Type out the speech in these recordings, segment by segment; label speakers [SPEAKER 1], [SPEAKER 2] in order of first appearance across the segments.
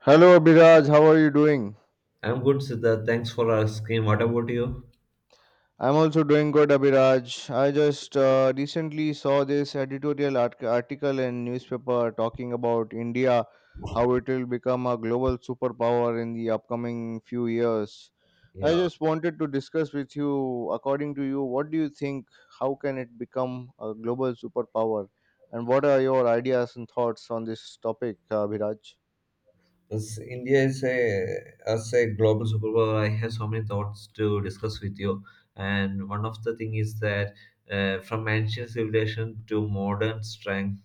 [SPEAKER 1] Hello, Abhiraj. How are you doing?
[SPEAKER 2] I'm good, Siddharth. Thanks for asking. What about you?
[SPEAKER 1] I'm also doing good, Abhiraj. I just recently saw this article in newspaper talking about India, how it will become a global superpower in the upcoming few years. I
[SPEAKER 2] Yeah.
[SPEAKER 1] just wanted to discuss with you, according to you, what do you think? How can it become a global superpower? And what are your ideas and thoughts on this topic, Abhiraj?
[SPEAKER 2] As India is a as a global superpower, I have so many thoughts to discuss with you. And one of the thing is that from ancient civilization to modern strength,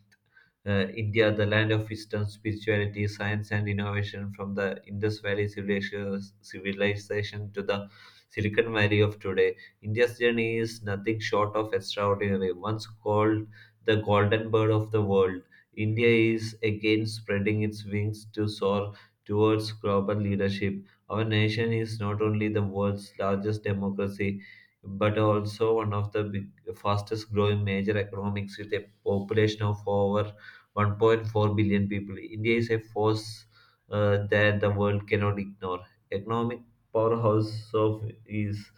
[SPEAKER 2] India, the land of wisdom, spirituality, science, and innovation, from the Indus Valley civilization to the Silicon Valley of today. India's journey is nothing short of extraordinary. Once called the golden bird of the world, India is again spreading its wings to soar towards global leadership. Our nation is not only the world's largest democracy, but also one of the big, fastest growing major economics. With a population of over 1.4 billion people, India is a force that the world cannot ignore. Economic powerhouse of is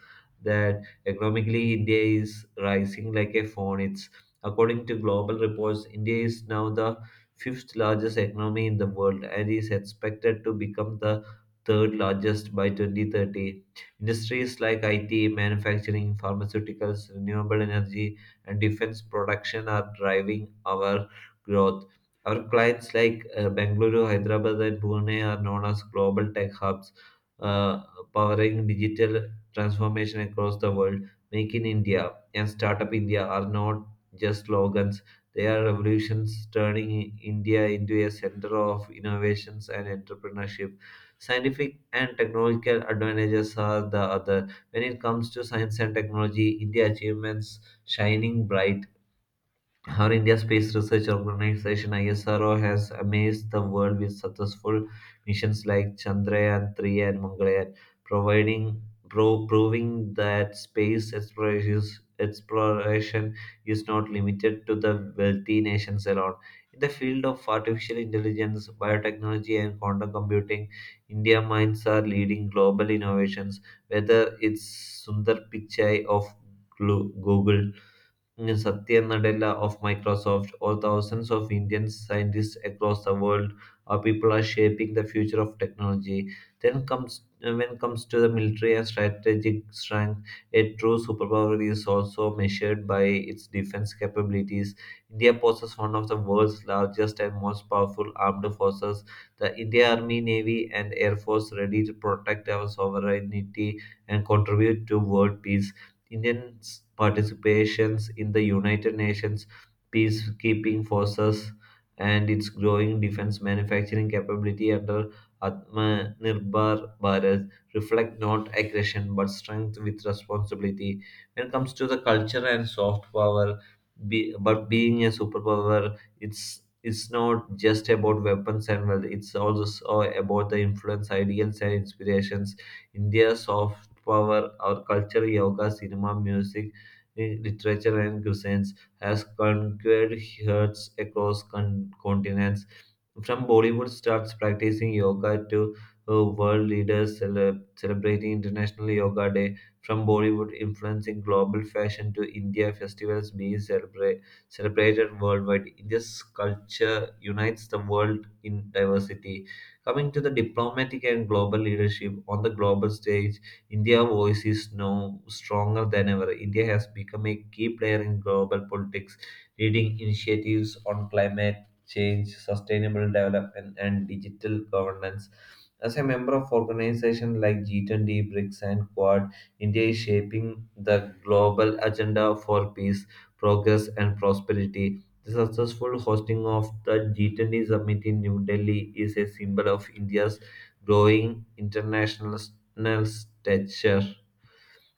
[SPEAKER 2] that economically India is rising like a phone. It's According to global reports, India is now the fifth largest economy in the world and is expected to become the third largest by 2030. Industries like IT, manufacturing, pharmaceuticals, renewable energy, and defense production are driving our growth. Our clients like Bengaluru, Hyderabad, and Pune are known as global tech hubs, uh, powering digital transformation across the world. Make in India and Startup India are not just slogans, they are revolutions turning India into a center of innovations and entrepreneurship. Scientific and technological advantages are the other. When it comes to science and technology, India achievements shining bright, our India Space Research Organization ISRO has amazed the world with successful missions like Chandrayaan 3 and Mangalyaan, providing proving that space exploration is not limited to the wealthy nations alone. In the field of artificial intelligence, biotechnology, and quantum computing, India minds are leading global innovations, whether it's Sundar Pichai of Google, Satya Nadella of Microsoft, or thousands of Indian scientists across the world, or people are shaping the future of technology. Then comes when it comes to the military and strategic strength, a true superpower is also measured by its defense capabilities. India possesses one of the world's largest and most powerful armed forces, the India Army, Navy, and Air Force, ready to protect our sovereignty and contribute to world peace. Indians' participations in the United Nations peacekeeping forces and its growing defense manufacturing capability under Atmanirbhar Bharat reflect not aggression but strength with responsibility. When it comes to the culture and soft power, but being a superpower, it's not just about weapons and wealth. It's also so about the influence, ideals, and inspirations. India's soft power, our culture, yoga, cinema, music, literature, and cuisines has conquered hearts across continents. From Bollywood stars practicing yoga to world leaders celebrating International Yoga Day, from Bollywood influencing global fashion to India festivals being celebrated worldwide, India's culture unites the world in diversity. Coming to the diplomatic and global leadership on the global stage, India's voice is now stronger than ever. India has become a key player in global politics, leading initiatives on climate change, sustainable development, and digital governance. As a member of organizations like G20, BRICS, and Quad, India is shaping the global agenda for peace, progress, and prosperity. The successful hosting of the G20 summit in New Delhi is a symbol of India's growing international stature.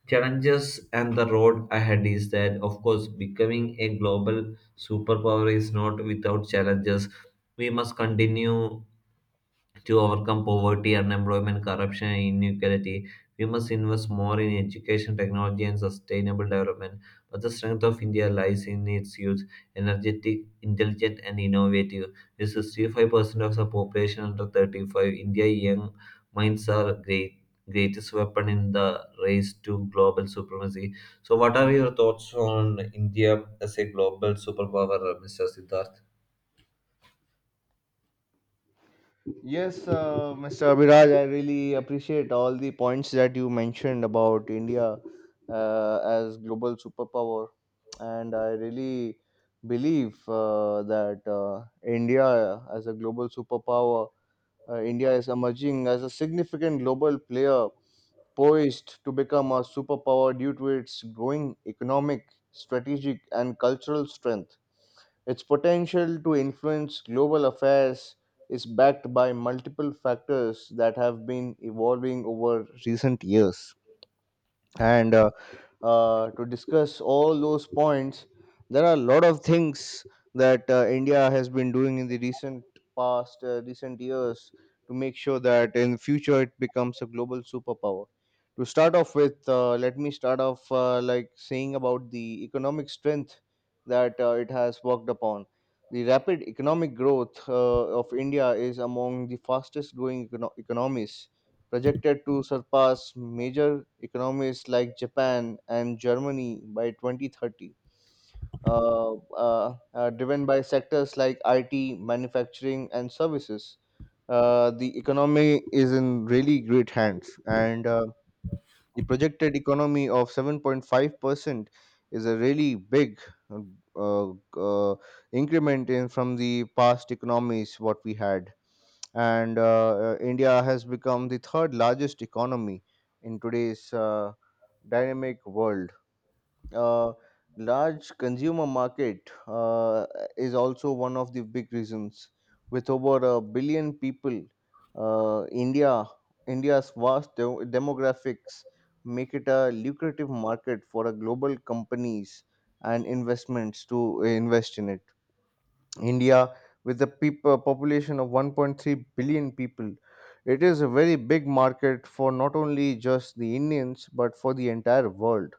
[SPEAKER 2] Challenges and the road ahead is that, of course, becoming a global superpower is not without challenges. We must continue to overcome poverty, unemployment, corruption, and inequality. We must invest more in education, technology, and sustainable development. But the strength of India lies in its youth, energetic, intelligent, and innovative. With 65% of the population under 35, India's young minds are great greatest weapon in the race to global supremacy. So, what are your thoughts on India as a global superpower, Mr. Siddharth?
[SPEAKER 1] Yes, Mr. Abhiraj, I really appreciate all the points that you mentioned about India as global superpower, and I really believe that India as a global superpower, India is emerging as a significant global player poised to become a superpower due to its growing economic, strategic, and cultural strength. Its potential to influence global affairs is backed by multiple factors that have been evolving over recent years. And to discuss all those points. There are a lot of things that India has been doing in the recent past, recent years to make sure that in future it becomes a global superpower. To start off with, let me start off like saying about the economic strength that it has worked upon. The rapid economic growth of India is among the fastest growing economies projected to surpass major economies like Japan and Germany by 2030, driven by sectors like IT, manufacturing, and services. The economy is in really great hands, and the projected economy of 7.5% is a really big uh, uh, increment in from the past economies what we had, and India has become the third largest economy in today's dynamic world. Uh, Large consumer market is also one of the big reasons. With over a billion people, uh, India India's vast demographics make it a lucrative market for a global companies and investments to invest in it. India, with a population of 1.3 billion people, it is a very big market for not only just the Indians but for the entire world.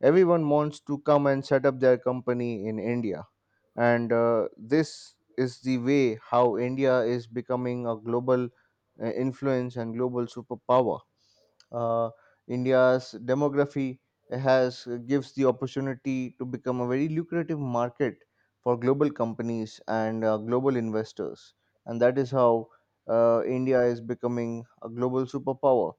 [SPEAKER 1] Everyone wants to come and set up their company in India. And this is the way how India is becoming a global influence and global superpower. Uh, India's demography has gives the opportunity to become a very lucrative market for global companies and global investors, and that is how India is becoming a global superpower.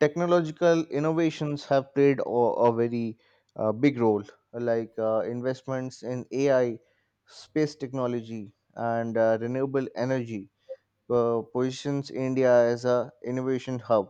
[SPEAKER 1] Technological innovations have played a very big role, like investments in ai, space technology, and renewable energy positions India as a innovation hub.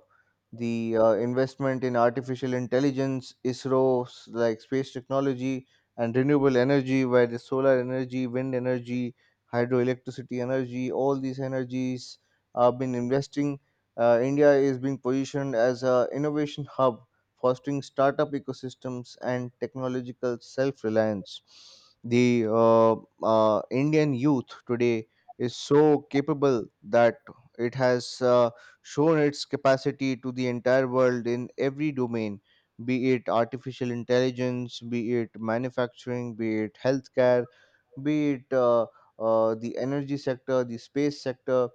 [SPEAKER 1] The investment in artificial intelligence, ISRO, like space technology and renewable energy, where the solar energy, wind energy, hydroelectricity energy, all these energies have been investing. India is being positioned as a innovation hub, fostering startup ecosystems and technological self-reliance. The Indian youth today is so capable that it has shown its capacity to the entire world in every domain, be it artificial intelligence, be it manufacturing, be it healthcare, be it the energy sector, the space sector,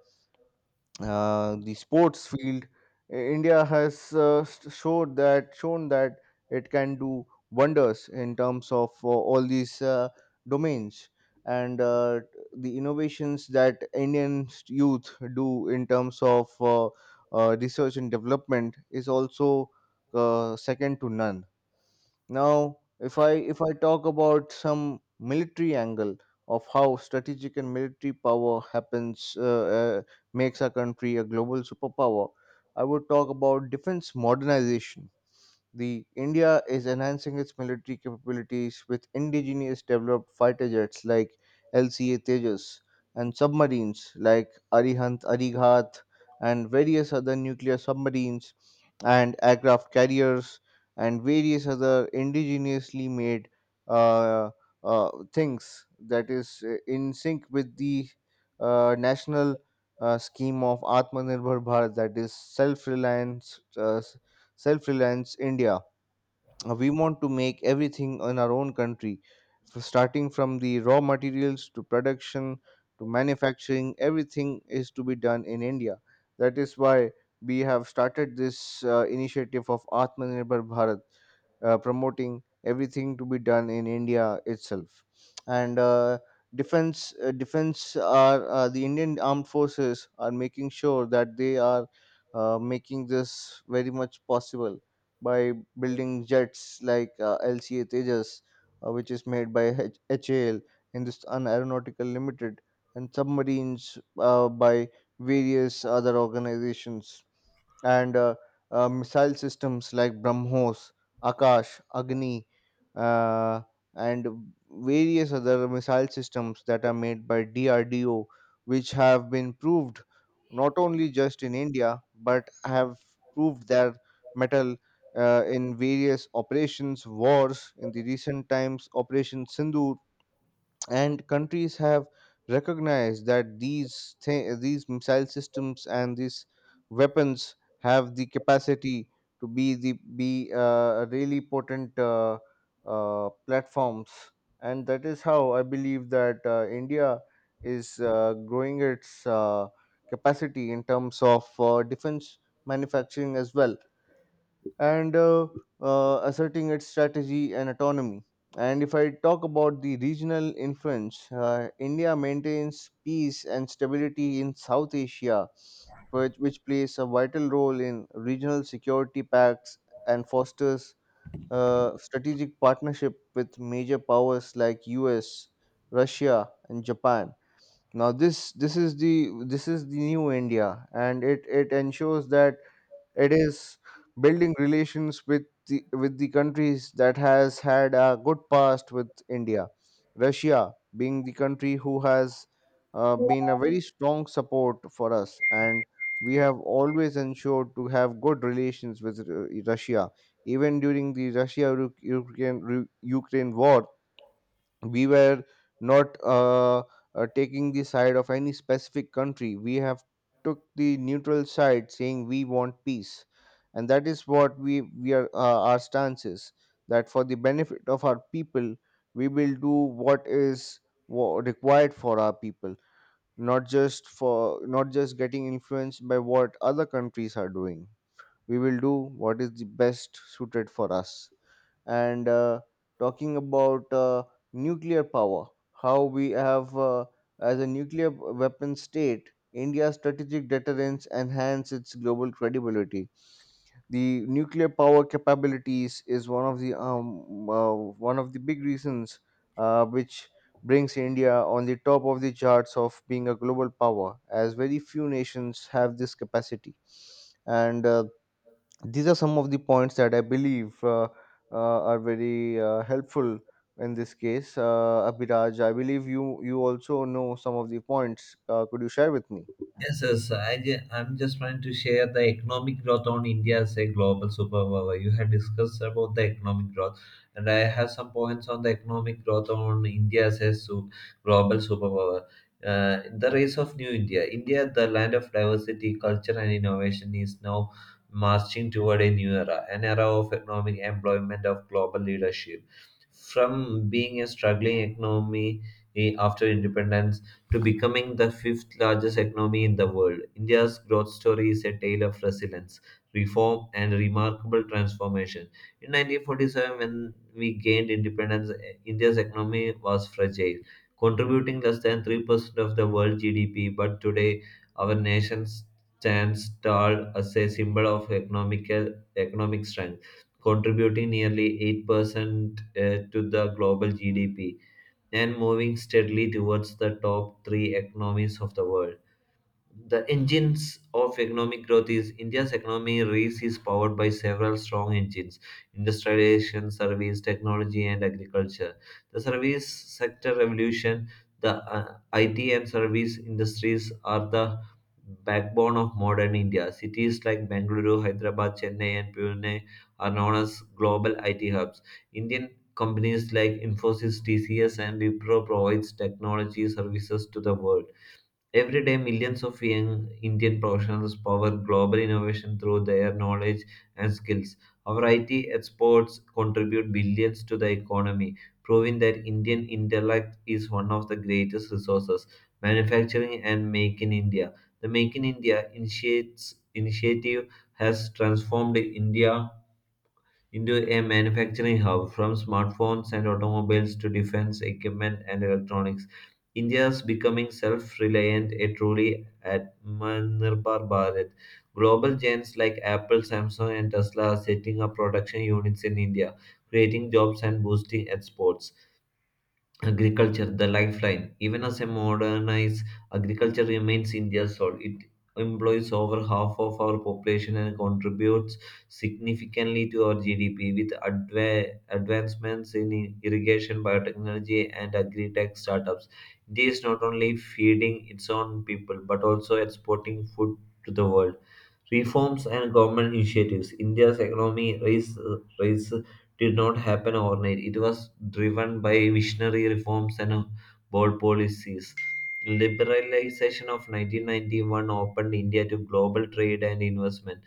[SPEAKER 1] the sports field. India has st- showed that shown that it can do wonders in terms of all these domains, and the innovations that Indian youth do in terms of research and development is also second to none. Now, if I talk about some military angle of how strategic and military power happens makes our country a global superpower, I would talk about defense modernization. The India is enhancing its military capabilities with indigenous developed fighter jets like LCA Tejas and submarines like Arihant Arighat and various other nuclear submarines and aircraft carriers and various other indigenously made uh, things that is in sync with the national scheme of Atmanirbhar Bharat, that is self-reliance, self reliance India. We want to make everything in our own country, starting from the raw materials to production to manufacturing, everything is to be done in India. That is why we have started this initiative of Atmanirbhar Bharat, promoting everything to be done in India itself. And defense are, the Indian armed forces are making sure that they are making this very much possible by building jets like LCA Tejas, which is made by HAL, Hindustan Aeronautical Limited, and submarines by various other organizations, and missile systems like BrahMos, Akash, Agni, uh, and various other missile systems that are made by DRDO, which have been proved not only just in India but have proved their metal in various operations, wars in the recent times, Operation Sindhu, and countries have recognized that these missile systems and these weapons have the capacity to be really potent platforms, and that is how I believe that India is growing its capacity in terms of defense manufacturing as well, and asserting its strategy and autonomy. And if I talk about the regional influence, India maintains peace and stability in South Asia, which plays a vital role in regional security pacts and fosters strategic partnership with major powers like US, Russia, and Japan. Now this is the new India, and it ensures that it is building relations with with the countries that has had a good past with India. Russia being the country who has been a very strong support for us, and we have always ensured to have good relations with Russia. Even during the Russia Ukraine war, we were not taking the side of any specific country. We have took the neutral side saying we want peace, and that is what we are, our stance is that for the benefit of our people we will do what is required for our people, not just getting influenced by what other countries are doing. We will do what is the best suited for us. And talking about nuclear power, how we have, as a nuclear weapon state, India's strategic deterrence enhance its global credibility. The nuclear power capabilities is one of the big reasons which brings India on the top of the charts of being a global power, as very few nations have this capacity. And these are some of the points that I believe are very helpful in this case. Abhiraj, I believe you also know some of the points. Could you share with me?
[SPEAKER 2] Yes, yes. I'm just trying to share the economic growth on India as a global superpower. You had discussed about the economic growth, and I have some points on the economic growth on India as a global superpower. Uh, the race of new India. India, the land of diversity, culture, and innovation, is now marching toward a new era, an era of economic employment of global leadership. From being a struggling economy after independence to becoming the fifth largest economy in the world. India's growth story is a tale of resilience, reform, and remarkable transformation. In 1947, when we gained independence, India's economy was fragile, contributing less than 3% of the world GDP. But today, our nation stands tall as a symbol of economic strength, contributing nearly 8% to the global GDP and moving steadily towards the top three economies of the world. The engines of economic growth is India's economy race is powered by several strong engines: industrialization, service, technology, and agriculture. The service sector revolution, the IT and service industries are the backbone of modern India. Cities like Bangalore, Hyderabad, Chennai, and Pune are known as global IT hubs. Indian companies like Infosys, TCS, and Wipro provides technology services to the world. Every day, millions of young Indian professionals power global innovation through their knowledge and skills. Our IT exports contribute billions to the economy, proving that Indian intellect is one of the greatest resources. Manufacturing and Make in India. The Make in India initiative has transformed India into a manufacturing hub, from smartphones and automobiles to defense equipment and electronics. India is becoming self reliant, a truly admirable Bharat. Global giants like Apple, Samsung, and Tesla are setting up production units in India, creating jobs and boosting exports. Agriculture, the lifeline. Even as a modernized agriculture remains India's soul, it employs over half of our population and contributes significantly to our GDP. With advancements in irrigation, biotechnology, and agri tech startups, India is not only feeding its own people but also exporting food to the world. Reforms and government initiatives. India's economy rise did not happen overnight. It was driven by visionary reforms and bold policies. Liberalization of 1991 opened India to global trade and investment.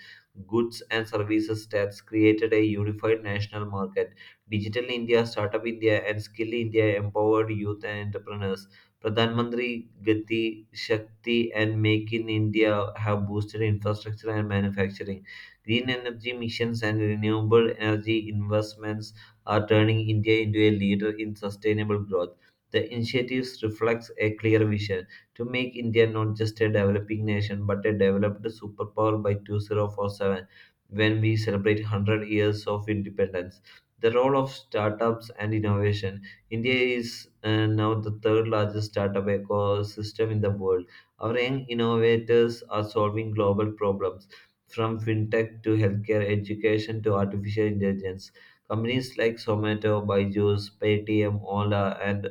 [SPEAKER 2] Goods and services tax created a unified national market. Digital India, Startup India, and Skill India empowered youth and entrepreneurs. Pradhan Mantri Gati Shakti and Make in India have boosted infrastructure and manufacturing. Green energy missions and renewable energy investments are turning India into a leader in sustainable growth. The initiatives reflects a clear vision to make India not just a developing nation but a developed superpower by 2047, when we celebrate 100 years of independence. The role of startups and innovation. India is now the third largest startup ecosystem in the world. Our young innovators are solving global problems from fintech to healthcare, education to artificial intelligence. Companies like Zomato, Byju's, Paytm, Ola, and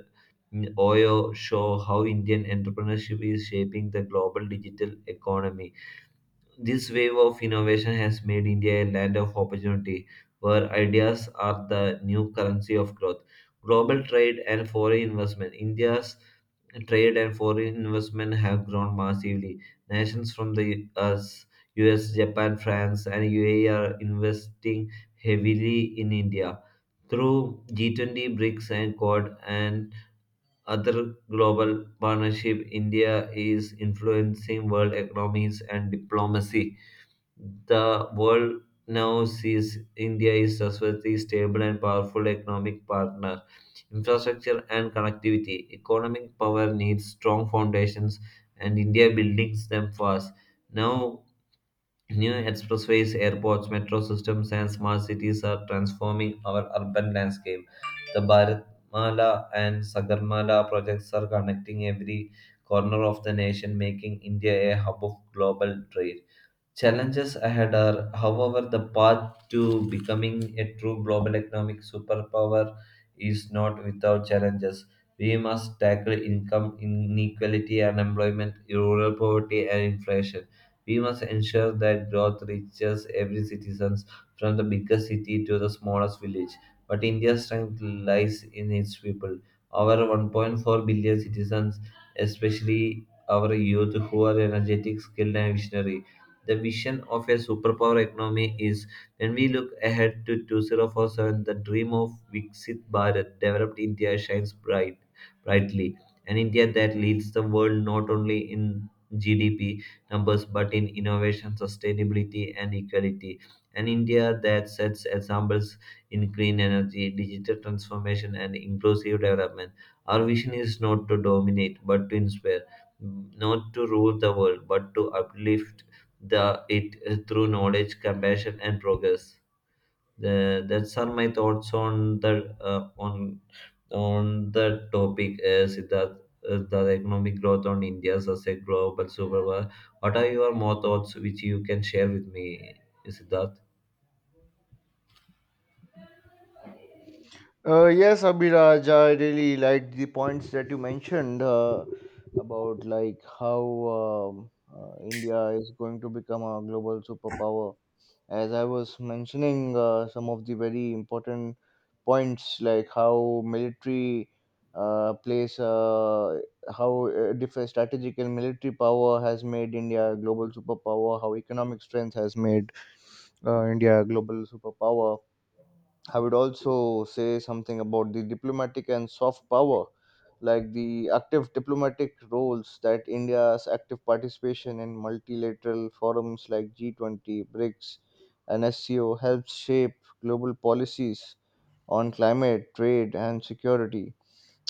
[SPEAKER 2] Oyo show how Indian entrepreneurship is shaping the global digital economy. This wave of innovation has made India a land of opportunity where ideas are the new currency of growth. Global trade and foreign investment. India's trade and foreign investment have grown massively. Nations from the US, Japan, France, and UAE are investing heavily in India through G20, BRICS, and Quad, and other global partnership. India is influencing world economies and diplomacy. The world now sees India is a trustworthy, stable, and powerful economic partner. Infrastructure and connectivity. Economic power needs strong foundations, and India builds them fast. Now, new expressways, airports, metro systems, and smart cities are transforming our urban landscape. The Bharatmala and Sagarmala projects are connecting every corner of the nation, making India a hub of global trade. Challenges ahead are, however, the path to becoming a true global economic superpower is not without challenges. We must tackle income inequality, unemployment, rural poverty, and inflation. We must ensure that growth reaches every citizen from the biggest city to the smallest village. But India's strength lies in its people. Our 1.4 billion citizens, especially our youth who are energetic, skilled, and visionary. The vision of a superpower economy is when we look ahead to 2047, the dream of Viksit Bharat, developed India, brightly. An India that leads the world not only in GDP numbers but in innovation, sustainability, and equality. An India that sets examples in clean energy, digital transformation, and inclusive development. Our vision is not to dominate but to inspire, not to rule the world but to uplift the it through knowledge, compassion, and progress. That's are my thoughts on the topic, Siddharth, the economic growth on India as a global superpower. What are your more thoughts which you can share with me, Siddharth?
[SPEAKER 1] Yes, Abhiraj, I really liked the points that you mentioned about like how India is going to become a global superpower. As I was mentioning, some of the very important points like how military uh, plays, uh, how different strategic and military power has made India a global superpower, how economic strength has made India a global superpower. I would also say something about the diplomatic and soft power, like the active diplomatic roles that India's active participation in multilateral forums like G20, BRICS, and SCO helps shape global policies on climate, trade, and security.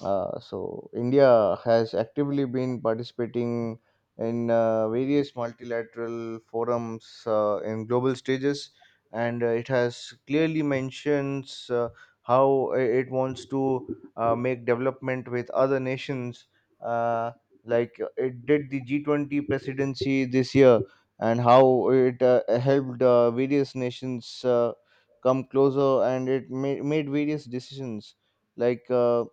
[SPEAKER 1] So, India has actively been participating in various multilateral forums in global stages, and it has clearly mentions how it wants to make development with other nations. Uh, like it did the G20 presidency this year, and how it helped various nations. Come closer and it made various decisions like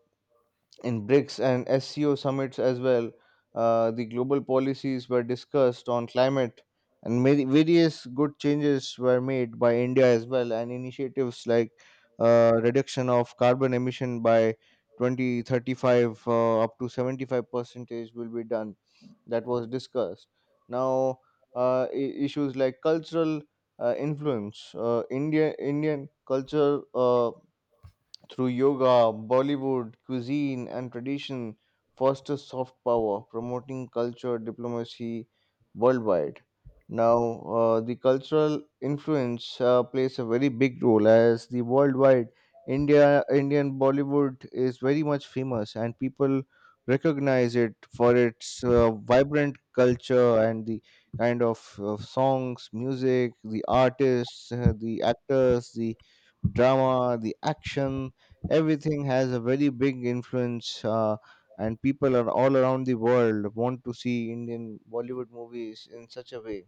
[SPEAKER 1] in BRICS and SCO summits as well. The global policies were discussed on climate, and many, various good changes were made by India as well, and initiatives like reduction of carbon emission by 2035, up to 75 percentage will be done. That was discussed. Now, issues like cultural influence, Indian culture. Through yoga, Bollywood, cuisine, and tradition, foster soft power, promoting culture diplomacy worldwide. Now, the cultural influence plays a very big role as the worldwide Indian Bollywood is very much famous, and people recognize it for its vibrant culture and the kind of songs, music, the artists, the actors, the drama, the action, everything has a very big influence, and people are all around the world want to see indian bollywood movies in such a way.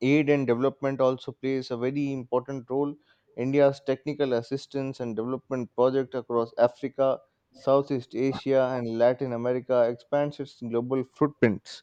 [SPEAKER 1] Aid and development also plays a very important role. India's technical assistance and development project across africa, southeast asia, and latin america expands its global footprints.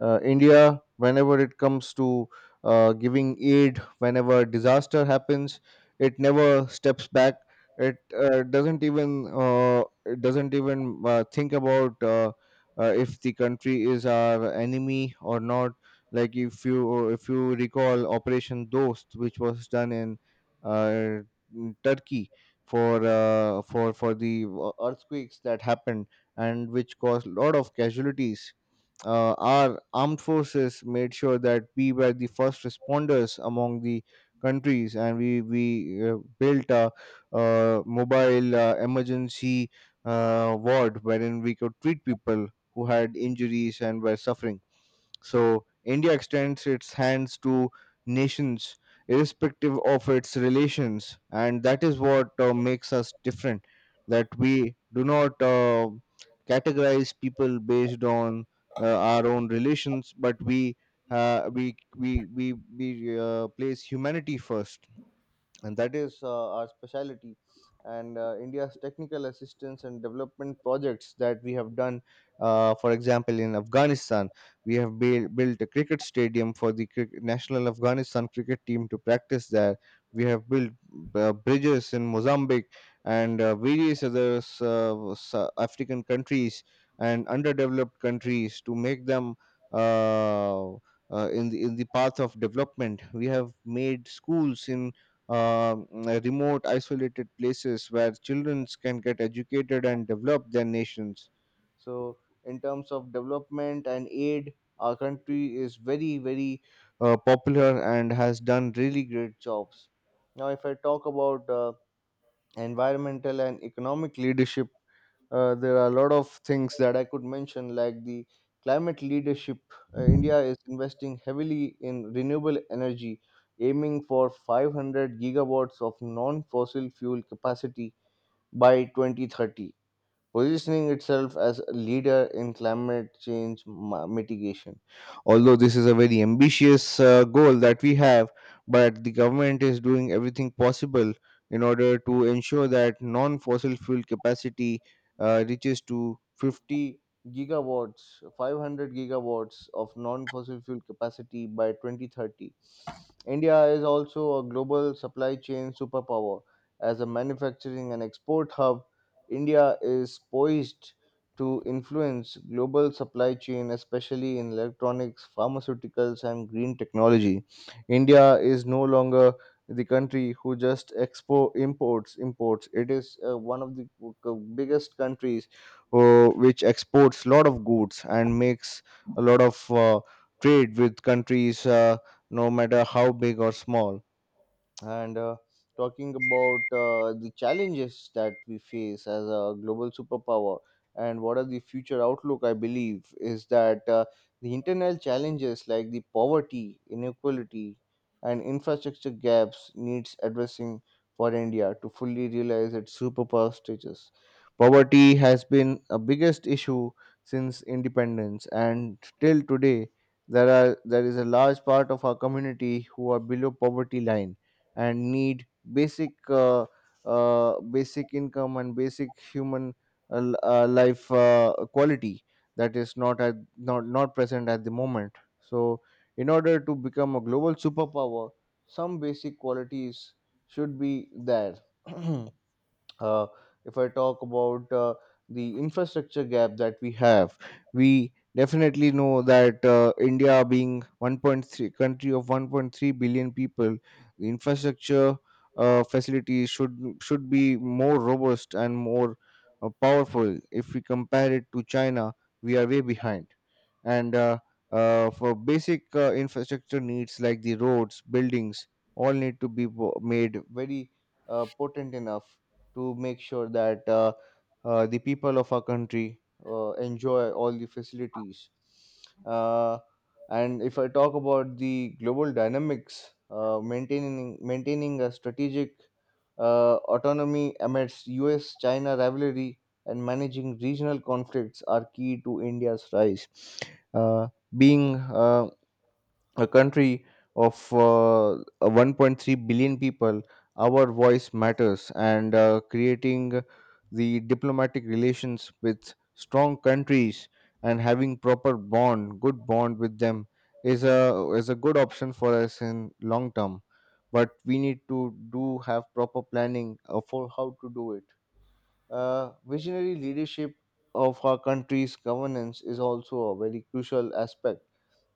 [SPEAKER 1] India, whenever it comes to giving aid, whenever disaster happens, it never steps back. It doesn't even it doesn't even think about if the country is our enemy or not. Like if you recall Operation Dost, which was done uh, in Turkey for the earthquakes that happened and which caused a lot of casualties. Our armed forces made sure that we were the first responders among the countries, and we built mobile emergency ward wherein we could treat people who had injuries and were suffering. So India extends its hands to nations irrespective of its relations, and that is what makes us different. That we do not categorize people based on our own relations, but we place humanity first, and that is our specialty. And India's technical assistance and development projects that we have done, for example in Afghanistan, we have built a cricket stadium for the national Afghanistan cricket team to practice there. We have built bridges in Mozambique and various other African countries and underdeveloped countries to make them uh, in the path of development. We have made schools in um, remote, isolated places where children can get educated and develop their nations. So, in terms of development and aid, our country is very, very popular and has done really great jobs. Now, if I talk about environmental and economic leadership, there are a lot of things that I could mention, like the climate leadership. India is investing heavily in renewable energy, aiming for 500 gigawatts of non fossil fuel capacity by 2030, positioning itself as a leader in climate change mitigation. Although this is a very ambitious goal that we have, but the government is doing everything possible in order to ensure that non fossil fuel capacity reaches to 50 gigawatts, 500 gigawatts of non fossil fuel capacity by 2030. India is also a global supply chain superpower. As a manufacturing and export hub, India is poised to influence global supply chain, especially in electronics, pharmaceuticals, and green technology. India is no longer the country who just expo imports imports. It is one of the biggest countries which exports a lot of goods and makes a lot of trade with countries, no matter how big or small. And talking about the challenges that we face as a global superpower and what are the future outlook, I believe is that the internal challenges like the poverty inequality and infrastructure gaps needs addressing for India to fully realize its superpower status. Poverty has been a biggest issue since independence, and till today there is a large part of our community who are below poverty line and need basic basic income and basic human life quality that is not at not present at the moment. So, in order to become a global superpower, some basic qualities should be there. uh, if I talk about the infrastructure gap that we have, we definitely know that India, being 1.3 country of 1.3 billion people, the infrastructure facilities should be more robust and more powerful. If we compare it to China, we are way behind, and for basic infrastructure needs like the roads, buildings, all need to be made very potent enough to make sure that the people of our country enjoy all the facilities. Uh, and if I talk about the global dynamics, maintaining a strategic autonomy amidst U.S.-China rivalry, and managing regional conflicts are key to India's rise. Uh, being A country of a 1.3 billion people, our voice matters, and creating the diplomatic relations with strong countries and having proper bond, good bond with them is a good option for us in long term. But we need to do have proper planning for how to do it. Visionary leadership of our country's governance is also a very crucial aspect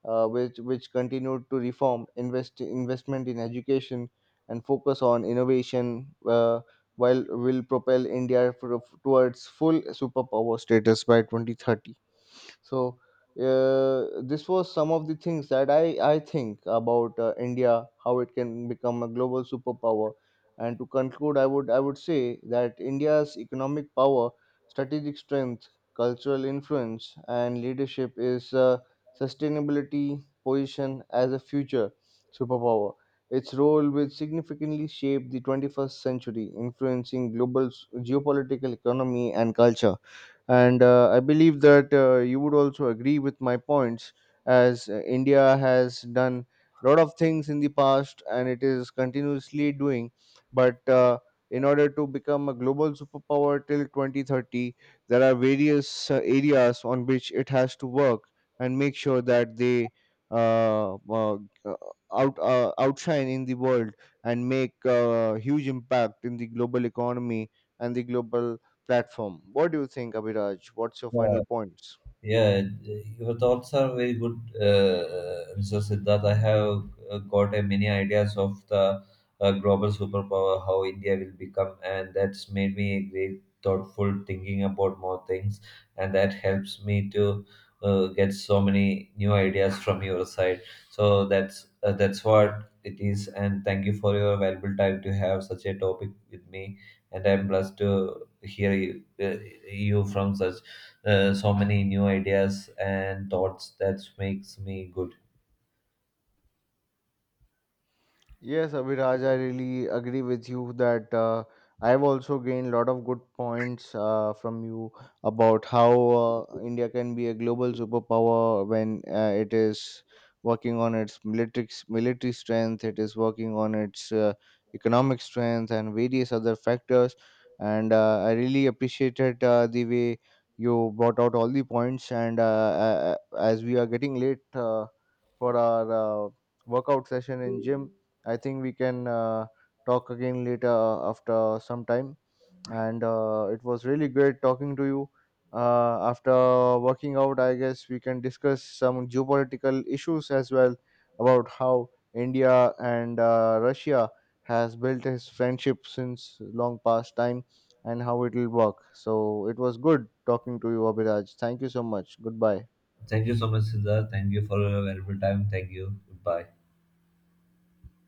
[SPEAKER 1] which continued to reform investment in education and focus on innovation, while will propel India towards full superpower status by 2030. So, this was some of the things that I think about India, how it can become a global superpower. And to conclude, I would say that India's economic power, strategic strength, cultural influence and leadership is sustainability position as a future superpower. Its role will significantly shape the 21st century, influencing global geopolitical economy and culture. And I believe that you would also agree with my points, as India has done a lot of things in the past and it is continuously doing. But in order to become a global superpower till 2030, there are various areas on which it has to work and make sure that they uh, uh, outshine in the world and make a huge impact in the global economy and the global platform. What do you think, Abhiraj? What's your
[SPEAKER 2] Yeah.
[SPEAKER 1] final points?
[SPEAKER 2] Yeah, your thoughts are very good, Mr. Siddharth. I have got a many ideas of the global superpower, how India will become, and that's made me very thoughtful thinking about more things, and that helps me to get so many new ideas from your side. So that's what it is, and thank you for your valuable time to have such a topic with me, and I'm blessed to hear you, you from such so many new ideas and thoughts that makes me good.
[SPEAKER 1] Yes, Abhiraj, I really agree with you that I've also gained a lot of good points from you about how India can be a global superpower when it is working on its military strength, it is working on its economic strength and various other factors. And I really appreciated the way you brought out all the points. And as we are getting late for our workout session in gym, I think we can talk again later after some time. And it was really great talking to you. After working out, I guess we can discuss some geopolitical issues as well, about how India and Russia has built his friendship since long past time and how it will work. So it was good talking to you, Abhiraj. Thank you so much. Goodbye.
[SPEAKER 2] Thank you so much, Siddha. Thank you for your valuable time. Thank you. Goodbye.